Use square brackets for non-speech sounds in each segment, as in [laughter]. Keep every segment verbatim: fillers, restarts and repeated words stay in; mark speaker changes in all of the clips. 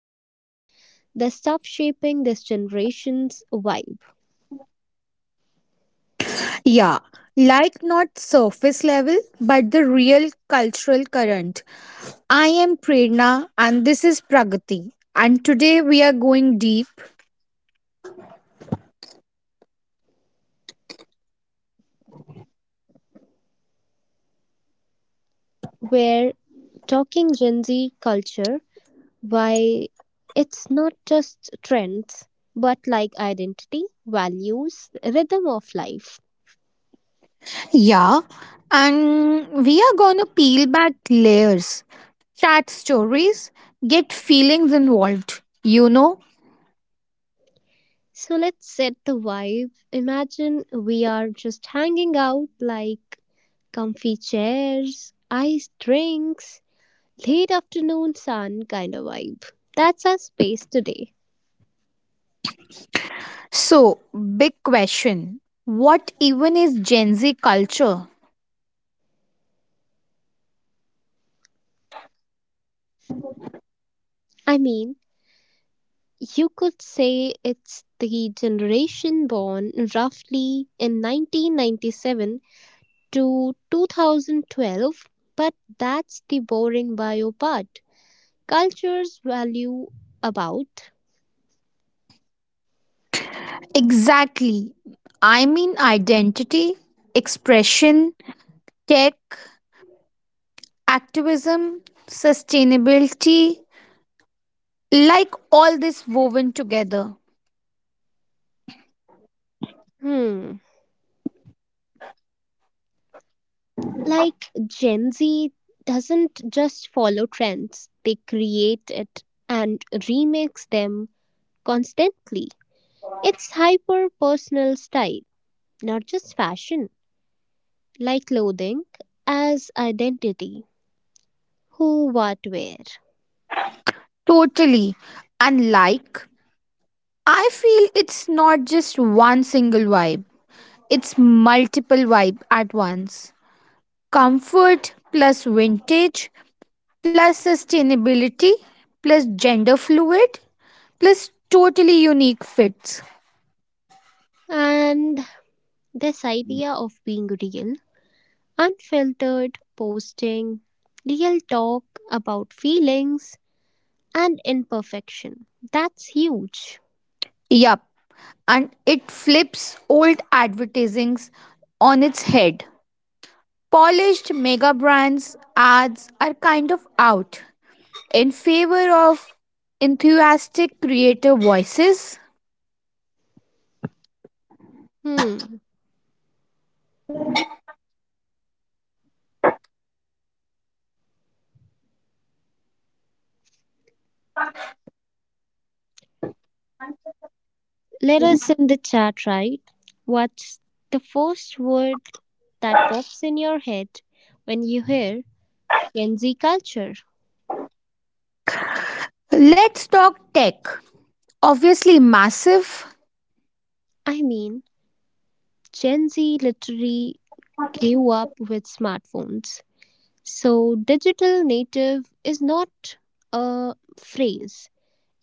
Speaker 1: about the stuff shaping this generation's vibe.
Speaker 2: Yeah, like not surface level, but the real cultural current. I am Prerna and this is Pragati. And today we are going deep.
Speaker 1: We're talking Gen Z culture, why it's not just trends, but like identity, values, rhythm of life.
Speaker 2: Yeah, and we are gonna peel back layers, chat stories, get feelings involved, you know?
Speaker 1: So let's set the vibe. Imagine we are just hanging out like comfy chairs, iced drinks, late afternoon sun kind of vibe. That's our space today.
Speaker 2: So, big question what even is Gen Z culture?
Speaker 1: I mean, you could say it's the generation born roughly in nineteen ninety-seven to twenty twelve, but that's the boring bio part. Culture's value about,
Speaker 2: Exactly. I mean, identity, expression, tech, activism, sustainability, like all this woven together.
Speaker 1: hmm, like Gen Z doesn't just follow trends, they create it and remix them constantly. It's hyper personal style, not just fashion. Like clothing, as identity, who, what, where.
Speaker 2: Totally. And like, I feel it's not just one single vibe, it's multiple vibe at once. Comfort plus vintage plus sustainability plus gender fluid plus totally unique fits.
Speaker 1: And this idea of being real, unfiltered posting, real talk about feelings and imperfection. That's huge.
Speaker 2: Yup. And it flips old advertisings on its head. Polished mega brands ads are kind of out in favor of enthusiastic creator voices.
Speaker 1: Hmm. Let us in the chat, right? What's the first word that pops in your head when you hear Gen Z culture?
Speaker 2: Let's talk tech. Obviously massive
Speaker 1: I mean, Gen Z literally grew up with smartphones. So, digital native is not a phrase,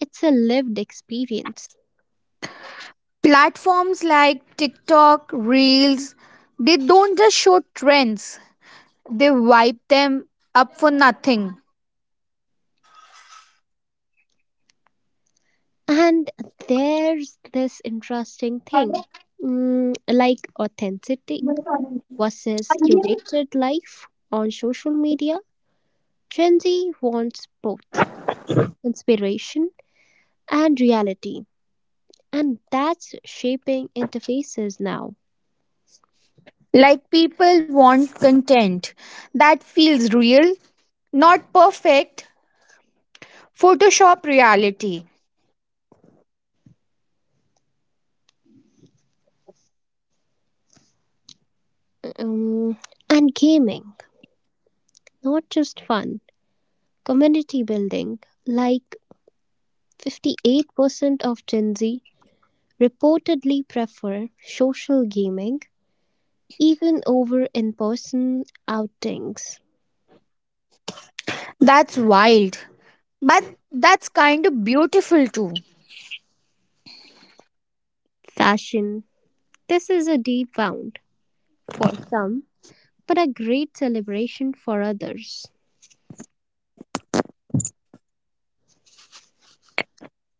Speaker 1: it's a lived experience.
Speaker 2: platforms like TikTok, Reels, they don't just show trends. They wipe them up for nothing.
Speaker 1: And there's this interesting thing, mm, like authenticity versus curated life on social media. Gen Z wants both inspiration and reality, and that's shaping interfaces now.
Speaker 2: Like people want content that feels real, not perfect. Photoshop reality.
Speaker 1: Um, and gaming, not just fun, community building, like fifty-eight percent of Gen Z reportedly prefer social gaming even over in person outings.
Speaker 2: That's wild. But that's kind of beautiful too.
Speaker 1: Fashion. This is a deep wound for some, but a great celebration for others.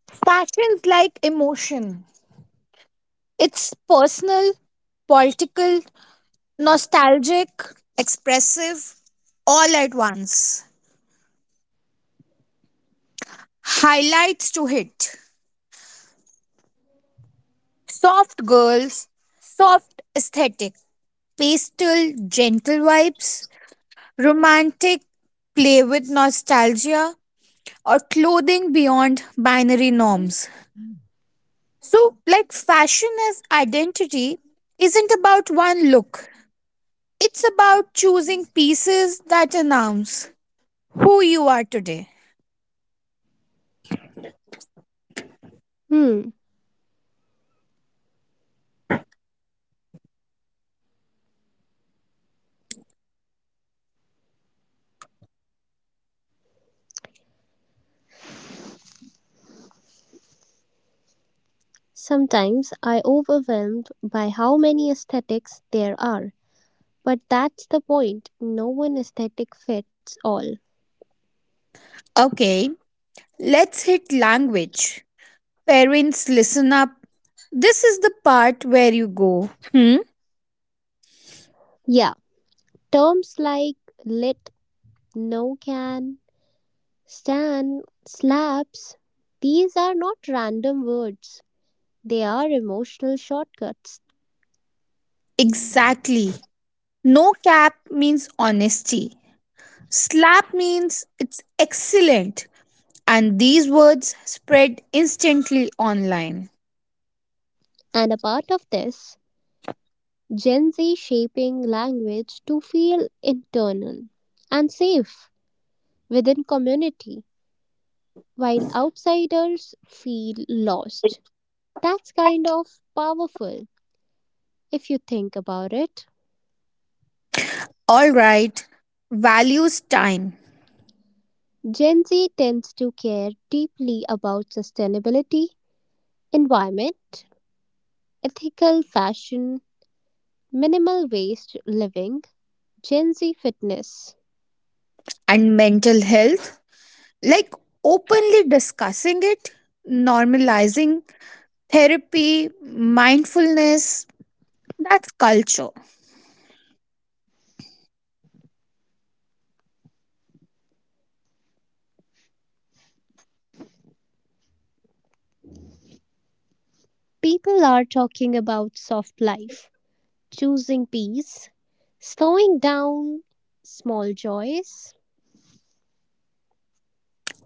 Speaker 2: Fashion's like emotion. It's personal, political, nostalgic, expressive, all at once. Highlights to hit. Soft girls, soft aesthetic, pastel, gentle vibes, romantic, play with nostalgia, or clothing beyond binary norms. So, like, fashion as identity isn't about one look, it's about choosing pieces that announce who you are today.
Speaker 1: Hmm. Sometimes I overwhelmed by how many aesthetics there are. But that's the point. No one aesthetic fits all.
Speaker 2: Okay, let's hit language. Parents, listen up. This is the part where you go, hmm?
Speaker 1: Yeah. Terms like lit, no can, Stan, slaps, these are not random words. They are emotional shortcuts.
Speaker 2: Exactly. No cap means honesty. Slap means it's excellent. And these words spread instantly online.
Speaker 1: And a part of this, Gen Z shaping language to feel internal and safe within community, while outsiders feel lost. That's kind of powerful if you think about it.
Speaker 2: All right, values time.
Speaker 1: Gen Z tends to care deeply about sustainability, environment, ethical fashion, minimal waste living, Gen Z fitness.
Speaker 2: And mental health, like openly discussing it, normalizing therapy, mindfulness, that's culture.
Speaker 1: People are talking about soft life, choosing peace, slowing down, small joys.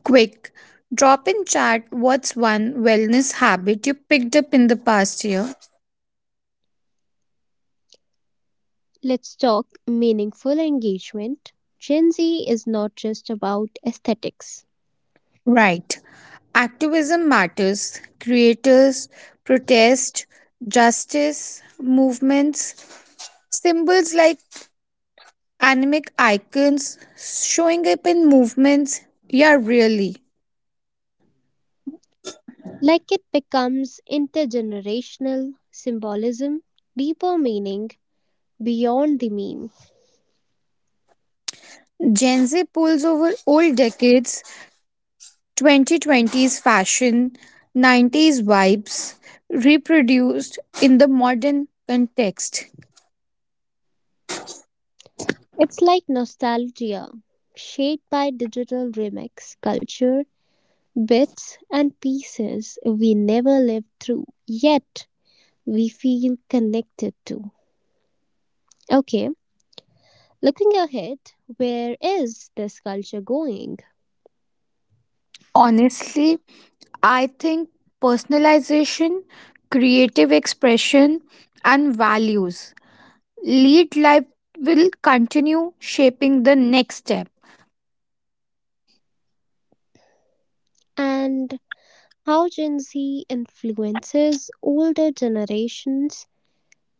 Speaker 2: Quick, drop in chat what's one wellness habit you picked up in the past year?
Speaker 1: Let's talk meaningful engagement. Gen Z is not just about aesthetics.
Speaker 2: Right. Activism matters. Creators, protest, justice, movements, symbols like animic icons showing up in movements. Yeah, really.
Speaker 1: Like it becomes intergenerational symbolism, deeper meaning beyond the meme.
Speaker 2: Gen Z pulls over old decades, twenty twenties fashion, nineties vibes, reproduced in the modern context.
Speaker 1: It's like nostalgia, shaped by digital remix culture, bits and pieces we never lived through, yet we feel connected to. Okay, looking ahead, where is this culture going?
Speaker 2: Honestly, I think personalization, creative expression, and values lead life will continue shaping the next step.
Speaker 1: And how Gen Z influences older generations,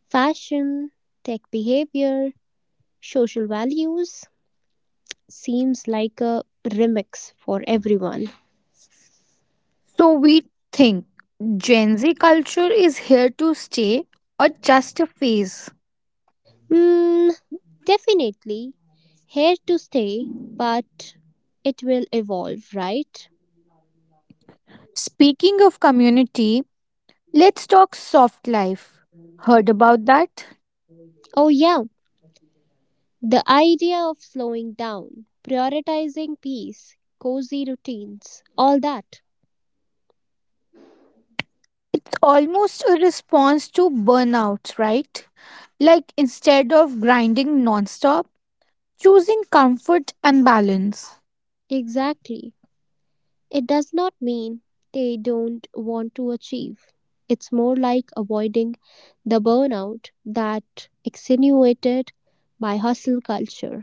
Speaker 1: fashion, tech behavior, social values seems like a remix for everyone.
Speaker 2: So we think Gen Z culture is here to stay or just a phase.
Speaker 1: Mm, definitely here to stay, but it will evolve, right?
Speaker 2: Speaking of community, let's talk soft life. Heard about that?
Speaker 1: Oh, yeah, the idea of slowing down, prioritizing peace, cozy routines, all that.
Speaker 2: It's almost a response to burnout, right? Like instead of grinding nonstop, choosing comfort and balance.
Speaker 1: Exactly. It does not mean they don't want to achieve. It's more like avoiding the burnout that extenuated by hustle culture.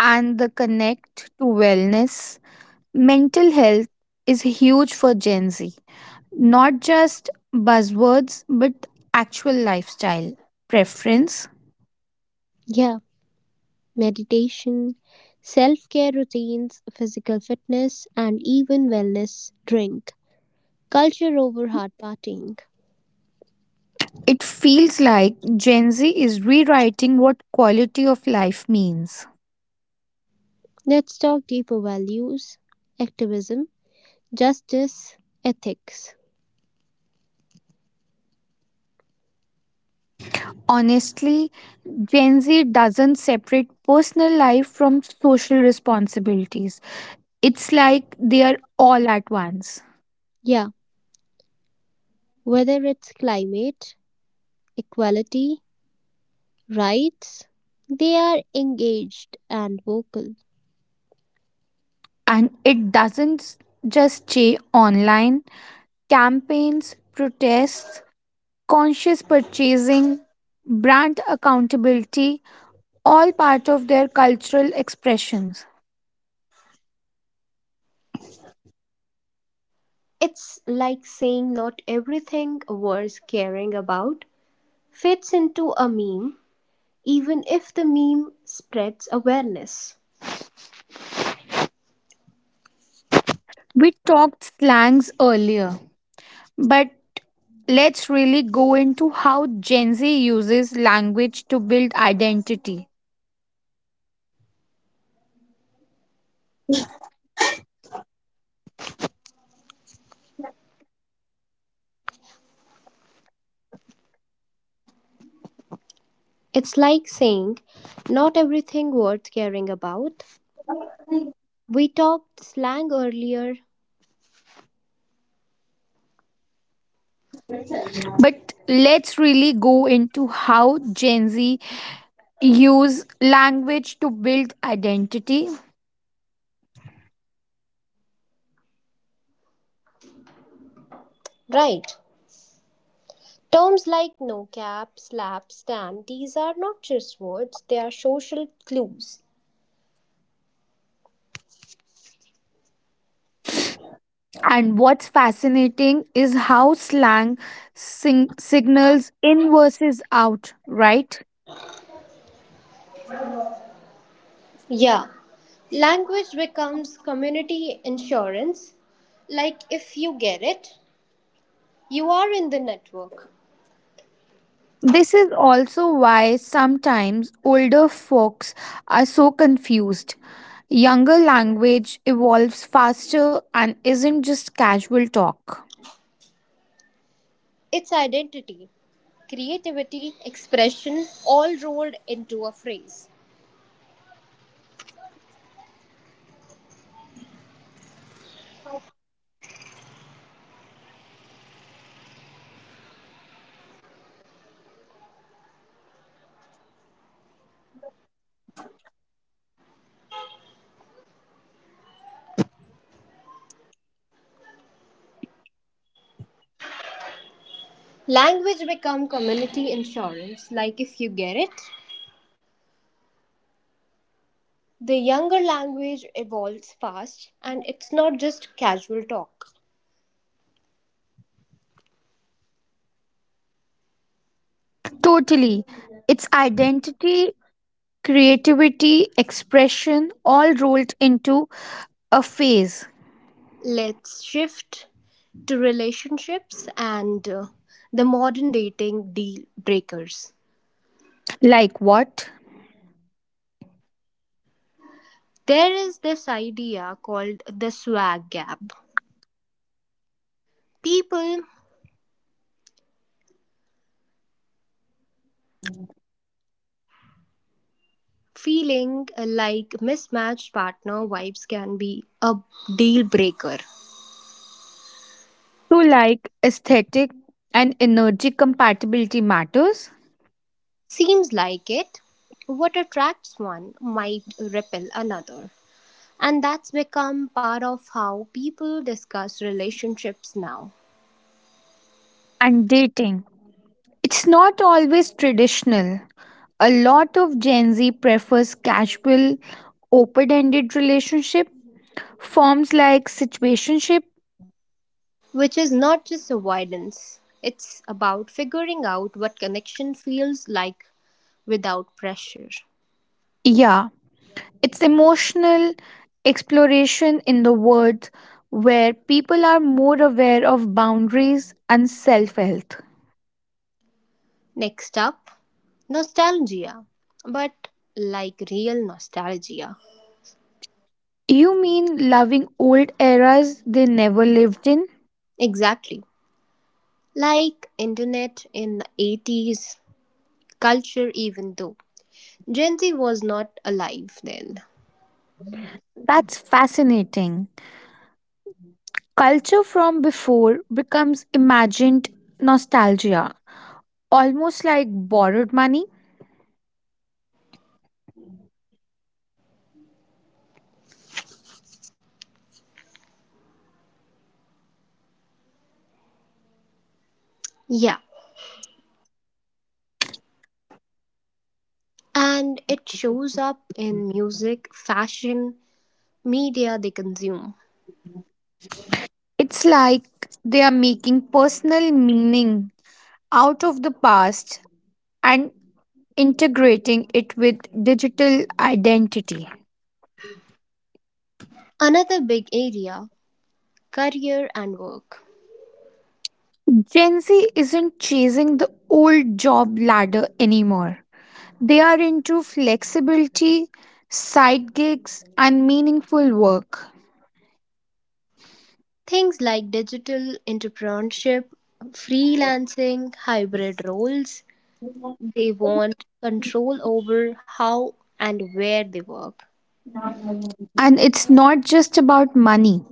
Speaker 2: And the connect to wellness, mental health is huge for Gen Z. Not just buzzwords, but actual lifestyle preference.
Speaker 1: Yeah, meditation, self care routines, physical fitness, and even wellness drink. Culture over hard partying.
Speaker 2: It feels like Gen Z is rewriting what quality of life means.
Speaker 1: Let's talk deeper values, activism, justice, ethics.
Speaker 2: Honestly, Gen Z doesn't separate personal life from social responsibilities. It's like they are all at once.
Speaker 1: Yeah, whether it's climate, equality, rights, they are engaged and vocal.
Speaker 2: And it doesn't s- just stay online. Campaigns, protests, conscious purchasing, brand accountability, all part of their cultural expressions.
Speaker 1: It's like saying not everything worth caring about fits into a meme, even if the meme spreads awareness.
Speaker 2: We talked slangs earlier. But let's really go into how Gen Z uses language to build identity.
Speaker 1: It's like saying, not everything worth caring about. We talked slang earlier.
Speaker 2: But let's really go into how Gen Z use language to build identity.
Speaker 1: Right. Terms like no-cap, slap, stan, these are not just words, they are social clues.
Speaker 2: And what's fascinating is how slang sing- signals in versus out, right?
Speaker 1: Yeah, language becomes community insurance. Like if you get it, you are in the network.
Speaker 2: This is also why sometimes older folks are so confused. Younger language evolves faster and isn't just casual talk.
Speaker 1: It's identity, creativity, expression all rolled into a phrase. Language become community insurance. Like if you get it, the younger language evolves fast and it's not just casual talk.
Speaker 2: Totally. It's identity, creativity, expression all rolled into a phase.
Speaker 1: Let's shift to relationships and uh, the modern dating deal breakers.
Speaker 2: Like what?
Speaker 1: There is this idea called the swag gap. People feeling like mismatched partner vibes can be a deal breaker.
Speaker 2: So, like aesthetic and energy compatibility matters,
Speaker 1: Seems like it. What attracts one might repel another. And that's become part of how people discuss relationships now.
Speaker 2: and dating. It's not always traditional. A lot of Gen Z prefers casual, open ended relationship forms like situationship.
Speaker 1: Which is not just avoidance, it's about figuring out what connection feels like without pressure.
Speaker 2: Yeah, it's emotional exploration in the world where people are more aware of boundaries and self health.
Speaker 1: Next up, nostalgia, but like real nostalgia.
Speaker 2: You mean loving old eras they never lived in?
Speaker 1: Exactly. Like internet in the eighties, culture even though. Gen Z was not alive then.
Speaker 2: That's fascinating. Culture from before becomes imagined nostalgia, almost like borrowed money.
Speaker 1: Yeah. And it shows up in music, fashion, media they consume.
Speaker 2: It's like they are making personal meaning out of the past and integrating it with digital identity.
Speaker 1: Another big area, career and work.
Speaker 2: Gen Z isn't chasing the old job ladder anymore. They are into flexibility, side gigs, and meaningful work.
Speaker 1: Things like digital entrepreneurship, freelancing, hybrid roles, they want control over how and where they work.
Speaker 2: And it's not just about money,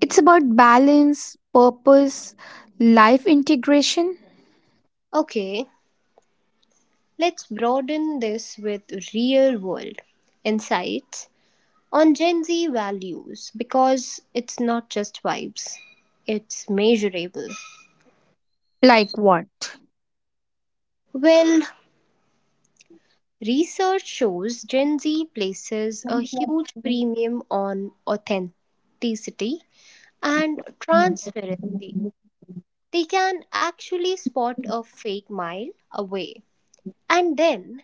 Speaker 2: it's about balance, purpose, life integration.
Speaker 1: Okay, let's broaden this with real world insights on Gen Z values because it's not just vibes, it's measurable.
Speaker 2: Like what?
Speaker 1: Well, research shows Gen Z places a huge premium on authenticity and transparency. They can actually spot a fake mile away and then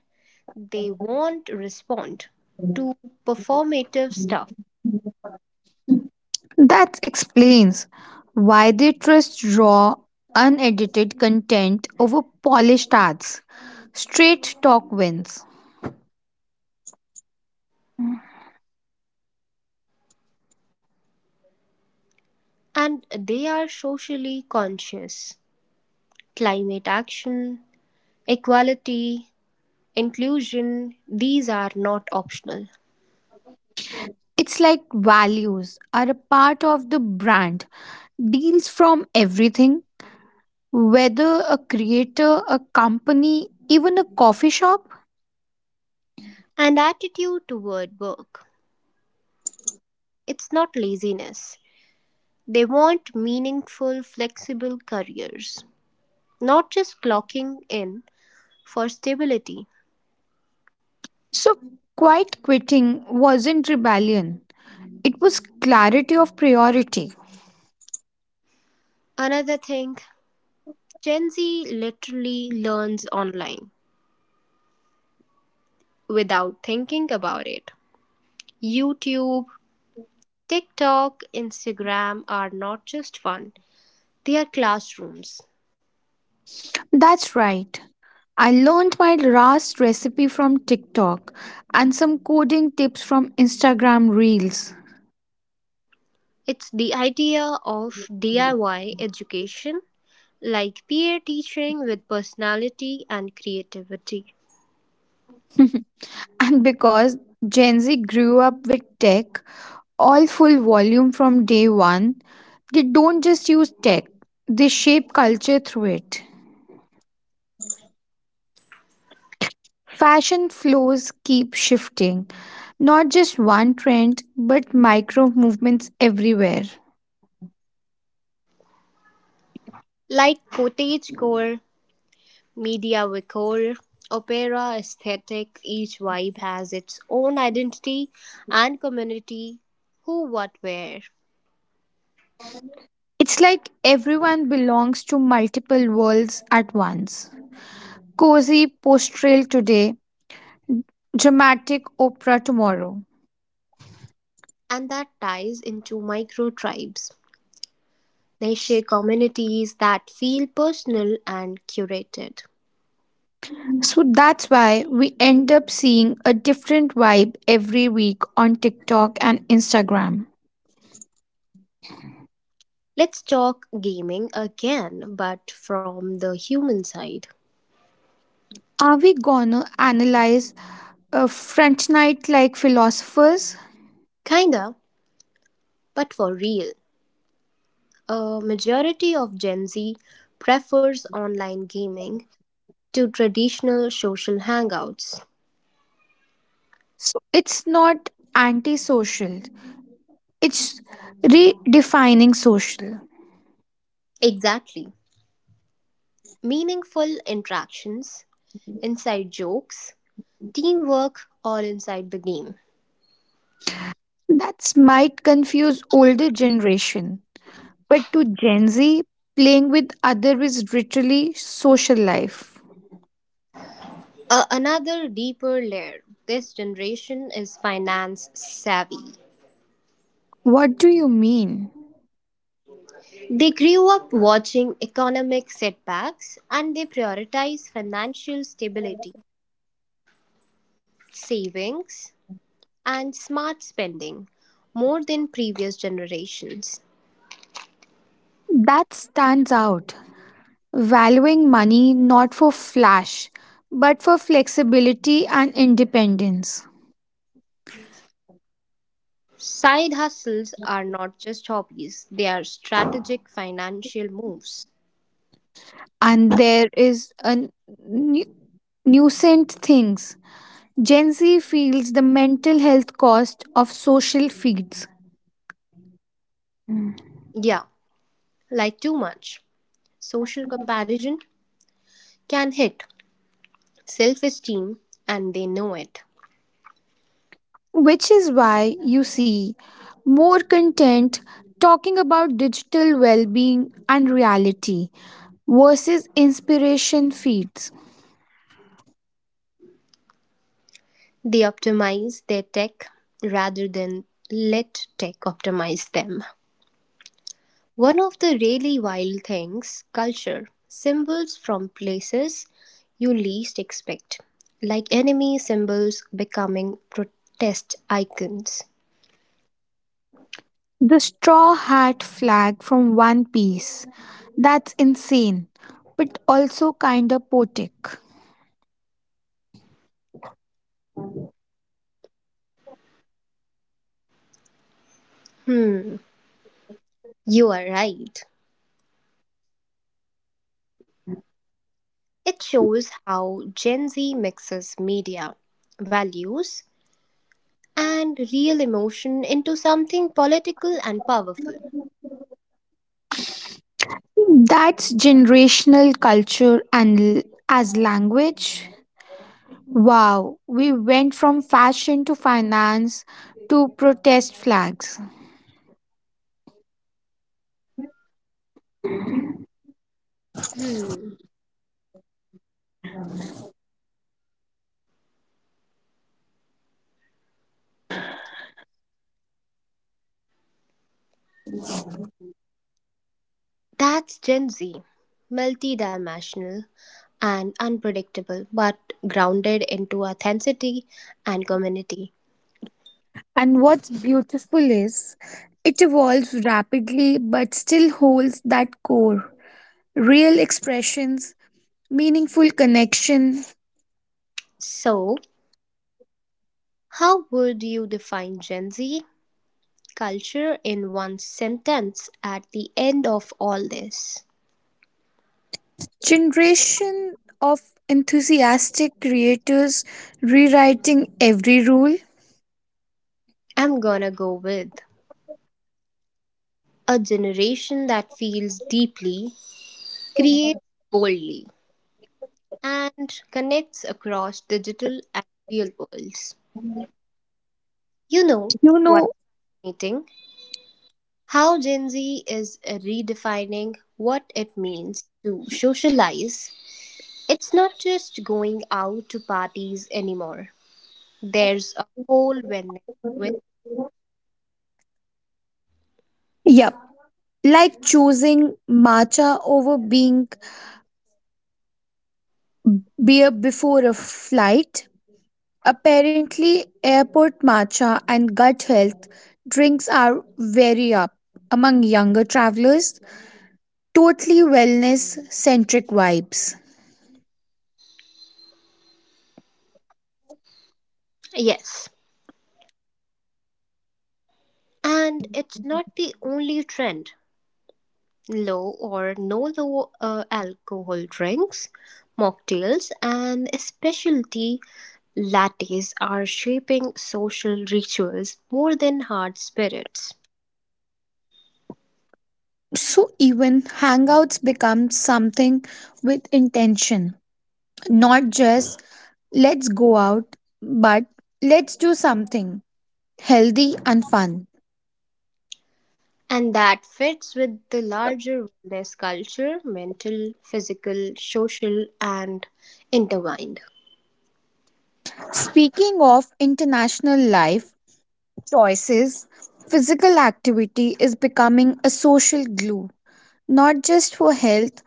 Speaker 1: they won't respond to performative stuff.
Speaker 2: That explains why they trust raw, unedited content over polished ads. Straight talk wins.
Speaker 1: And they are socially conscious. Climate action, equality, inclusion, these are not optional.
Speaker 2: It's like values are a part of the brand, deals from everything, whether a creator, a company, even a coffee shop.
Speaker 1: And attitude toward work, it's not laziness. They want meaningful, flexible careers, not just clocking in for stability.
Speaker 2: So, quiet quitting wasn't rebellion, it was clarity of priority.
Speaker 1: Another thing, Gen Z literally learns online without thinking about it. YouTube, TikTok, Instagram are not just fun, they are classrooms.
Speaker 2: That's right. I learned my last recipe from TikTok and some coding tips from Instagram Reels.
Speaker 1: It's the idea of D I Y education, like peer teaching with personality and creativity,
Speaker 2: [laughs] And because Gen Z grew up with tech, all full volume from day one, they don't just use tech, they shape culture through it. Fashion flows keep shifting, not just one trend, but micro movements everywhere.
Speaker 1: like cottagecore, Media Vicor, opera aesthetic, each vibe has its own identity and community, who, what, where.
Speaker 2: It's like everyone belongs to multiple worlds at once. Cozy post trail today, dramatic opera tomorrow.
Speaker 1: And that ties into micro tribes, they share communities that feel personal and curated.
Speaker 2: So that's why we end up seeing a different vibe every week on TikTok and Instagram.
Speaker 1: Let's talk gaming again, but from the human side.
Speaker 2: Are we gonna analyze a French night like philosophers?
Speaker 1: Kinda, but for real, a majority of Gen Z prefers online gaming to traditional social hangouts.
Speaker 2: So it's not antisocial, it's redefining social.
Speaker 1: Exactly. Meaningful interactions, inside jokes, teamwork, all inside the game.
Speaker 2: That might confuse older generation, but to Gen Z, playing with other is literally social life.
Speaker 1: Uh, another deeper layer, this generation is finance savvy.
Speaker 2: What do you mean?
Speaker 1: They grew up watching economic setbacks and they prioritize financial stability, savings, and smart spending more than previous generations.
Speaker 2: That stands out. Valuing money not for flash, but for flexibility and independence.
Speaker 1: Side hustles are not just hobbies, they are strategic financial moves.
Speaker 2: And there is a nu- nuisance things. Gen Z feels the mental health cost of social feeds,
Speaker 1: Yeah, like too much social comparison can hit self esteem and they know it.
Speaker 2: which is why you see more content talking about digital well being and reality versus inspiration feeds.
Speaker 1: They optimize their tech rather than let tech optimize them. One of the really wild things, culture, symbols from places you least expect, like enemy symbols becoming protest icons.
Speaker 2: The straw hat flag from One Piece. That's insane, but also kind of poetic.
Speaker 1: Hmm, you are right. It shows how Gen Z mixes media, values, and real emotion into something political and powerful.
Speaker 2: That's generational culture and l- as language. Wow, we went from fashion to finance to protest flags.
Speaker 1: Hmm. That's Gen Z, multidimensional and unpredictable, but grounded into authenticity and community.
Speaker 2: And what's beautiful is it evolves rapidly but still holds that core. Real expressions, meaningful connection.
Speaker 1: So, how would you define Gen Z culture in one sentence at the end of all this?
Speaker 2: Generation of enthusiastic creators rewriting every rule.
Speaker 1: I'm gonna go with a generation that feels deeply, creates boldly, and connects across digital and real worlds. You know
Speaker 2: You
Speaker 1: what's
Speaker 2: know,
Speaker 1: fascinating? How Gen Z is redefining what it means to socialize. It's not just going out to parties anymore, there's a whole wellness twist.
Speaker 2: yep. Like choosing matcha over being beer before a flight. Apparently, airport matcha and gut health drinks are very up among younger travelers. Totally wellness centric vibes.
Speaker 1: Yes, and it's not the only trend. Low or no low uh, alcohol drinks, mocktails, and specialty lattes are shaping social rituals more than hard spirits.
Speaker 2: So even hangouts become something with intention. Not just let's go out, but let's do something healthy and fun.
Speaker 1: And that fits with the larger wellness culture, mental, physical, social, and intertwined.
Speaker 2: Speaking of international life choices, physical activity is becoming a social glue, not just for health,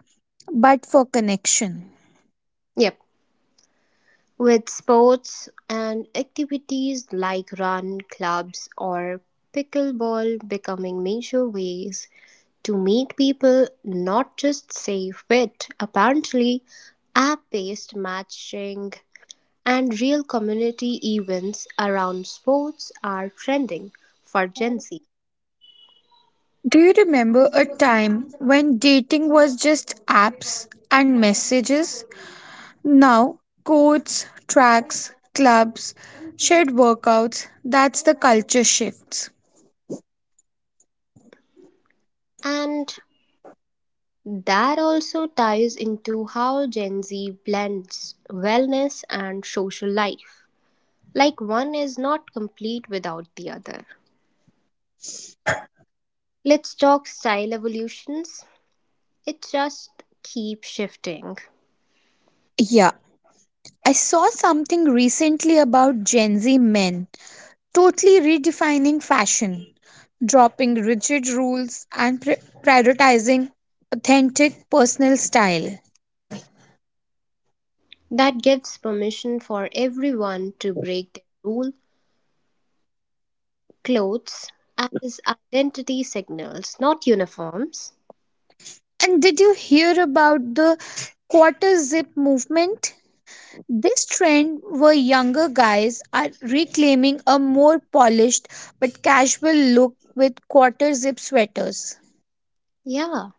Speaker 2: but for connection.
Speaker 1: Yep. With sports and activities like run, clubs, or pickleball becoming major ways to make people not just safe fit, apparently, app-based matching and real community events around sports are trending for Gen Z.
Speaker 2: Do you remember a time when dating was just apps and messages? Now, codes, tracks, clubs, shared workouts, that's the culture shifts.
Speaker 1: And that also ties into how Gen Z blends wellness and social life. Like one is not complete without the other. Let's talk style evolutions. It just keeps shifting.
Speaker 2: Yeah, I saw something recently about Gen Z men totally redefining fashion, dropping rigid rules and pri- prioritizing authentic personal style.
Speaker 1: That gives permission for everyone to break their rule, clothes as identity signals, not uniforms.
Speaker 2: And did you hear about the quarter zip movement? This trend where younger guys are reclaiming a more polished but casual look with quarter zip sweaters.
Speaker 1: Yeah,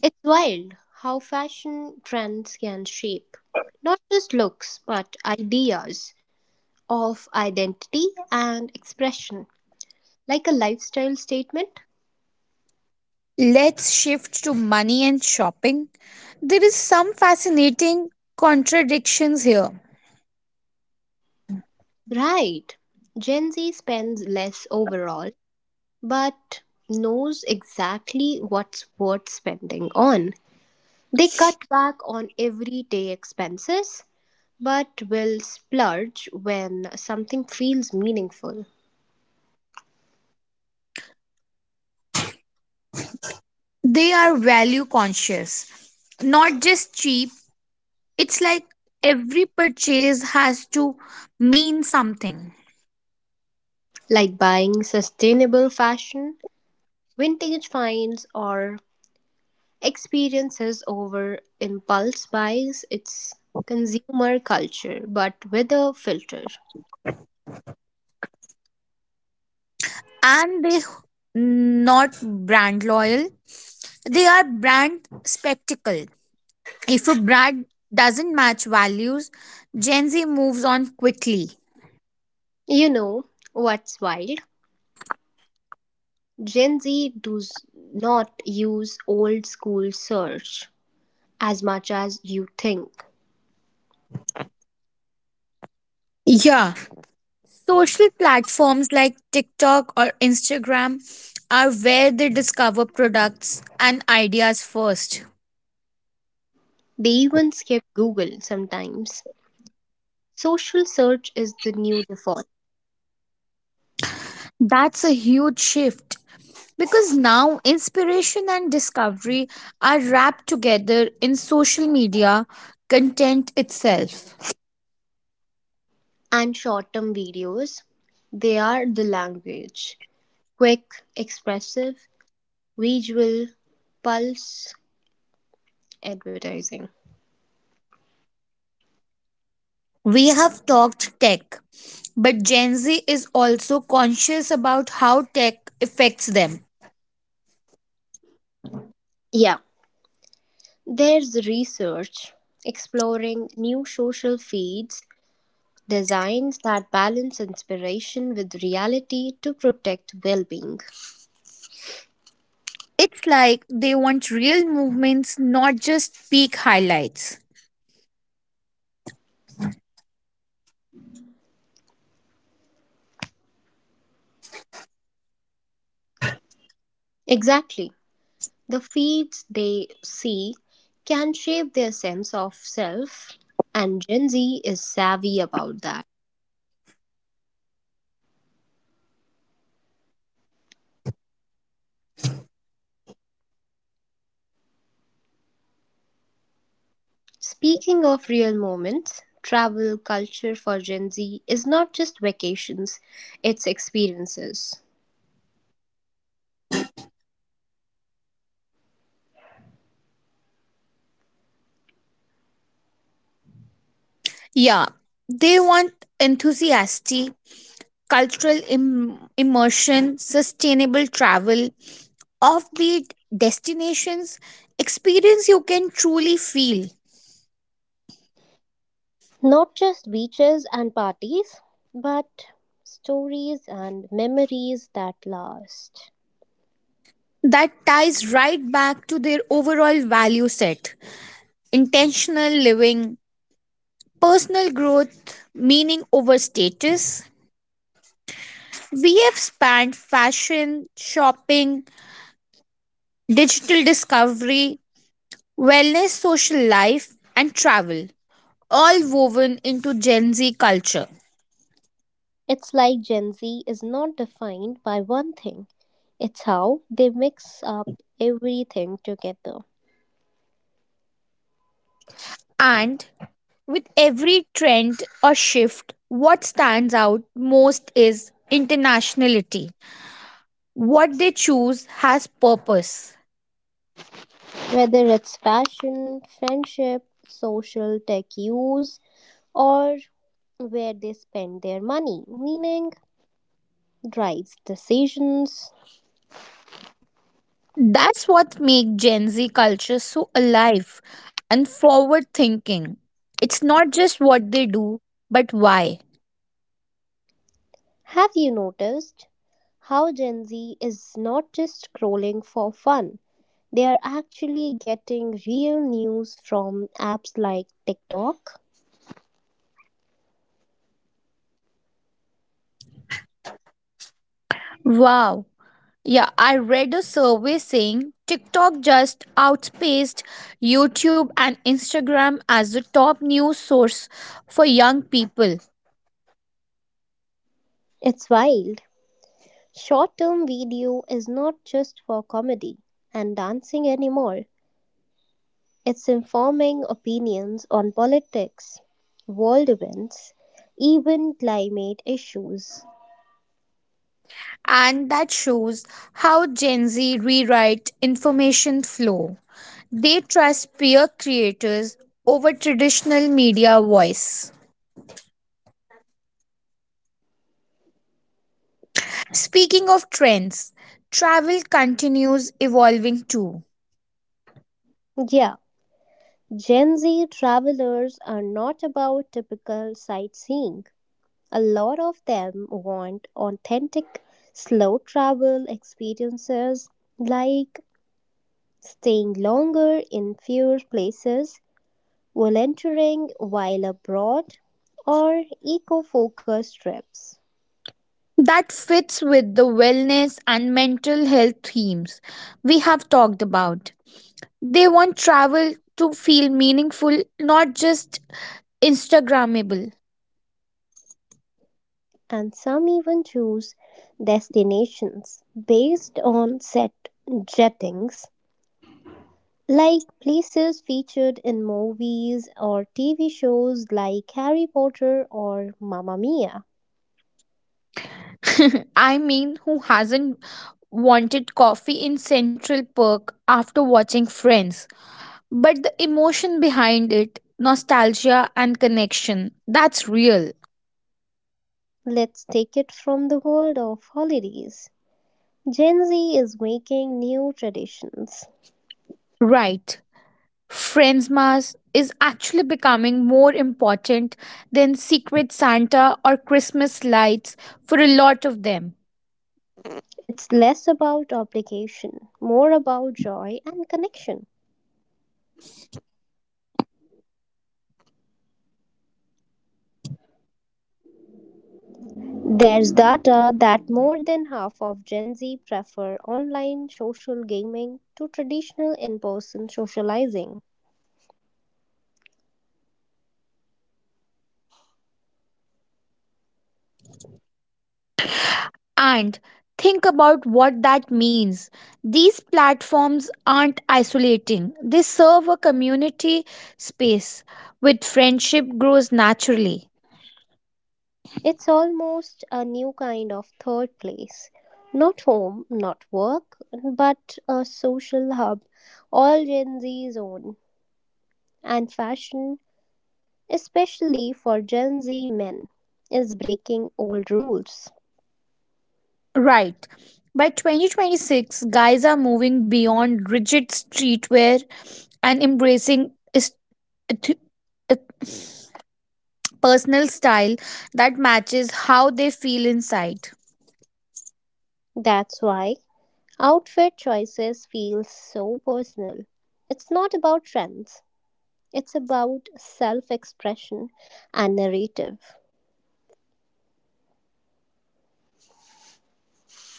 Speaker 1: it's wild how fashion trends can shape not just looks but ideas of identity and expression, like a lifestyle statement.
Speaker 2: Let's shift to money and shopping. There is some fascinating contradictions here.
Speaker 1: Right, Gen Z spends less overall but knows exactly what's worth spending on. They cut back on everyday expenses but will splurge when something feels meaningful,
Speaker 2: They are value conscious, not just cheap. It's like every purchase has to mean something.
Speaker 1: like buying sustainable fashion, vintage finds, or experiences over impulse buys. It's consumer culture but with a filter.
Speaker 2: And they not brand loyal. They are brand spectacle. If a brand doesn't match values, Gen Z moves on quickly.
Speaker 1: You know what's wild? Gen Z does not use old school search as much as you think.
Speaker 2: Yeah, social platforms like TikTok or Instagram are where they discover products and ideas first.
Speaker 1: They even skip Google sometimes. Social search is the new default.
Speaker 2: That's a huge shift because now inspiration and discovery are wrapped together in social media content itself.
Speaker 1: And short term videos, they are the language. Quick, expressive, visual, pulse advertising.
Speaker 2: We have talked tech, but Gen Z is also conscious about how tech affects them.
Speaker 1: Yeah, there's research exploring new social feeds, designs that balance inspiration with reality to protect well being.
Speaker 2: It's like they want real movements, not just peak highlights.
Speaker 1: Exactly. The feeds they see can shape their sense of self, and Gen Z is savvy about that. Speaking of real moments, travel culture for Gen Z is not just vacations, it's experiences.
Speaker 2: Yeah, they want enthusiastic, cultural Im- immersion, sustainable travel, offbeat destinations, experience you can truly feel.
Speaker 1: Not just beaches and parties, but stories and memories that last.
Speaker 2: That ties right back to their overall value set intentional living, personal growth, meaning over status. We have spanned fashion, shopping, digital discovery, wellness, social life, and travel all woven into Gen Z culture.
Speaker 1: It's like Gen Z is not defined by one thing, it's how they mix up everything together.
Speaker 2: And with every trend or shift, what stands out most is internationality. What they choose has purpose.
Speaker 1: Whether it's fashion, friendship, social tech use, or where they spend their money, meaning drives decisions.
Speaker 2: That's what makes Gen Z culture so alive and forward thinking. It's not just what they do, but why.
Speaker 1: Have you noticed how Gen Z is not just scrolling for fun? They are actually getting real news from apps like TikTok.
Speaker 2: Wow, yeah, I read a survey saying TikTok just outpaced YouTube and Instagram as the top news source for young people.
Speaker 1: It's wild. Short term video is not just for comedy and dancing anymore. It's informing opinions on politics, world events, even climate issues.
Speaker 2: And that shows how Gen Z rewrite information flow. They trust peer creators over traditional media voice. Speaking of trends, travel continues evolving too.
Speaker 1: Yeah, Gen Z travelers are not about typical sightseeing. A lot of them want authentic, slow travel experiences, like staying longer in fewer places, volunteering while abroad, or eco focused trips.
Speaker 2: That fits with the wellness and mental health themes we have talked about. They want travel to feel meaningful, not just Instagrammable.
Speaker 1: And some even choose destinations based on set jettings, like places featured in movies or T V shows like Harry Potter or Mamma Mia.
Speaker 2: [laughs] I mean, who hasn't wanted coffee in Central Park after watching Friends? But the emotion behind it, nostalgia and connection, that's real.
Speaker 1: Let's take it from the world of holidays. Gen Z is making new traditions.
Speaker 2: Right. Friends Mass is actually becoming more important than Secret Santa or Christmas lights for a lot of them.
Speaker 1: It's less about obligation, more about joy and connection. There's data that more than half of Gen Z prefer online social gaming to traditional in person socializing.
Speaker 2: And think about what that means. These platforms aren't isolating, they serve a community space where friendship grows naturally.
Speaker 1: It's almost a new kind of third place. Not home, not work, but a social hub, all Gen Z's own. And fashion, especially for Gen Z men, is breaking old rules.
Speaker 2: Right. By twenty twenty-six, guys are moving beyond rigid streetwear and embracing est- eth- eth- personal style that matches how they feel inside.
Speaker 1: That's why outfit choices feel so personal. It's not about trends, it's about self expression and narrative.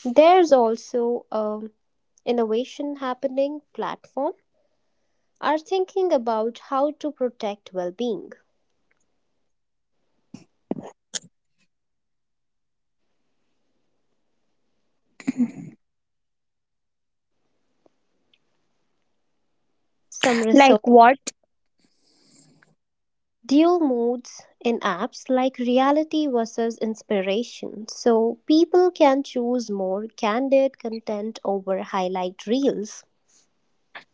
Speaker 1: There's also an innovation happening, platform are thinking about how to protect well-being. Some
Speaker 2: Like
Speaker 1: research,
Speaker 2: what?
Speaker 1: dual modes in apps like reality versus inspiration. So people can choose more candid content over highlight reels.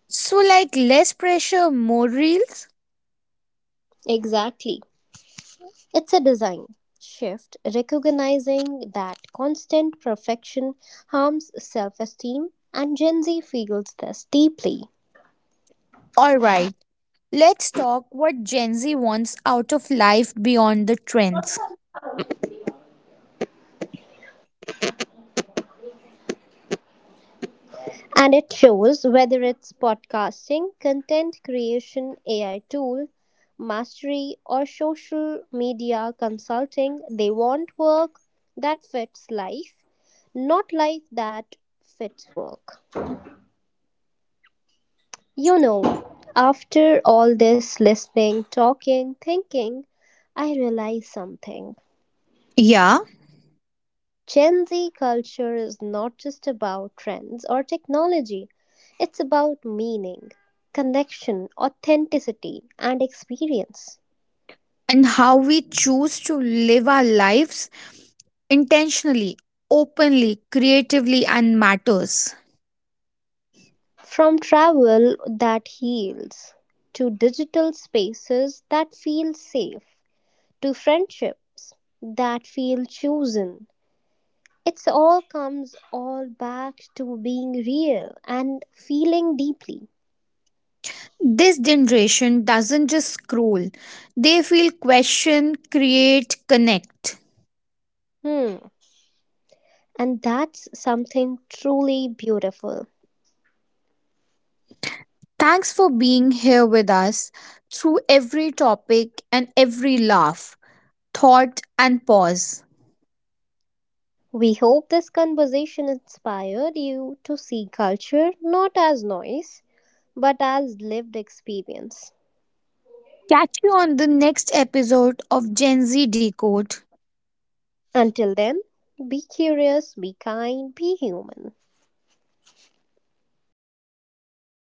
Speaker 2: So, like less pressure, more reels?
Speaker 1: Exactly. It's a design shift, recognizing that constant perfection harms self esteem, and Gen Z feels this deeply.
Speaker 2: Alright. Let's talk what Gen Z wants out of life beyond the trends.
Speaker 1: And it shows, whether it's podcasting, content creation, A I tool, mastery, or social media consulting, they want work that fits life, not life that fits work. You know, after all this listening, talking, thinking, I realized something.
Speaker 2: Yeah,
Speaker 1: Gen Z culture is not just about trends or technology, it's about meaning, connection, authenticity, and experience.
Speaker 2: and how we choose to live our lives intentionally, openly, creatively, and matters.
Speaker 1: From travel that heals, to digital spaces that feel safe, to friendships that feel chosen, it's all comes all back to being real and feeling deeply.
Speaker 2: This generation doesn't just scroll, they feel question, create, connect.
Speaker 1: Hmm. And that's something truly beautiful.
Speaker 2: Thanks for being here with us through every topic and every laugh, thought, and pause.
Speaker 1: We hope this conversation inspired you to see culture not as noise, but as lived experience.
Speaker 2: Catch you on the next episode of Gen Z Decode.
Speaker 1: Until then, be curious, be kind, be human.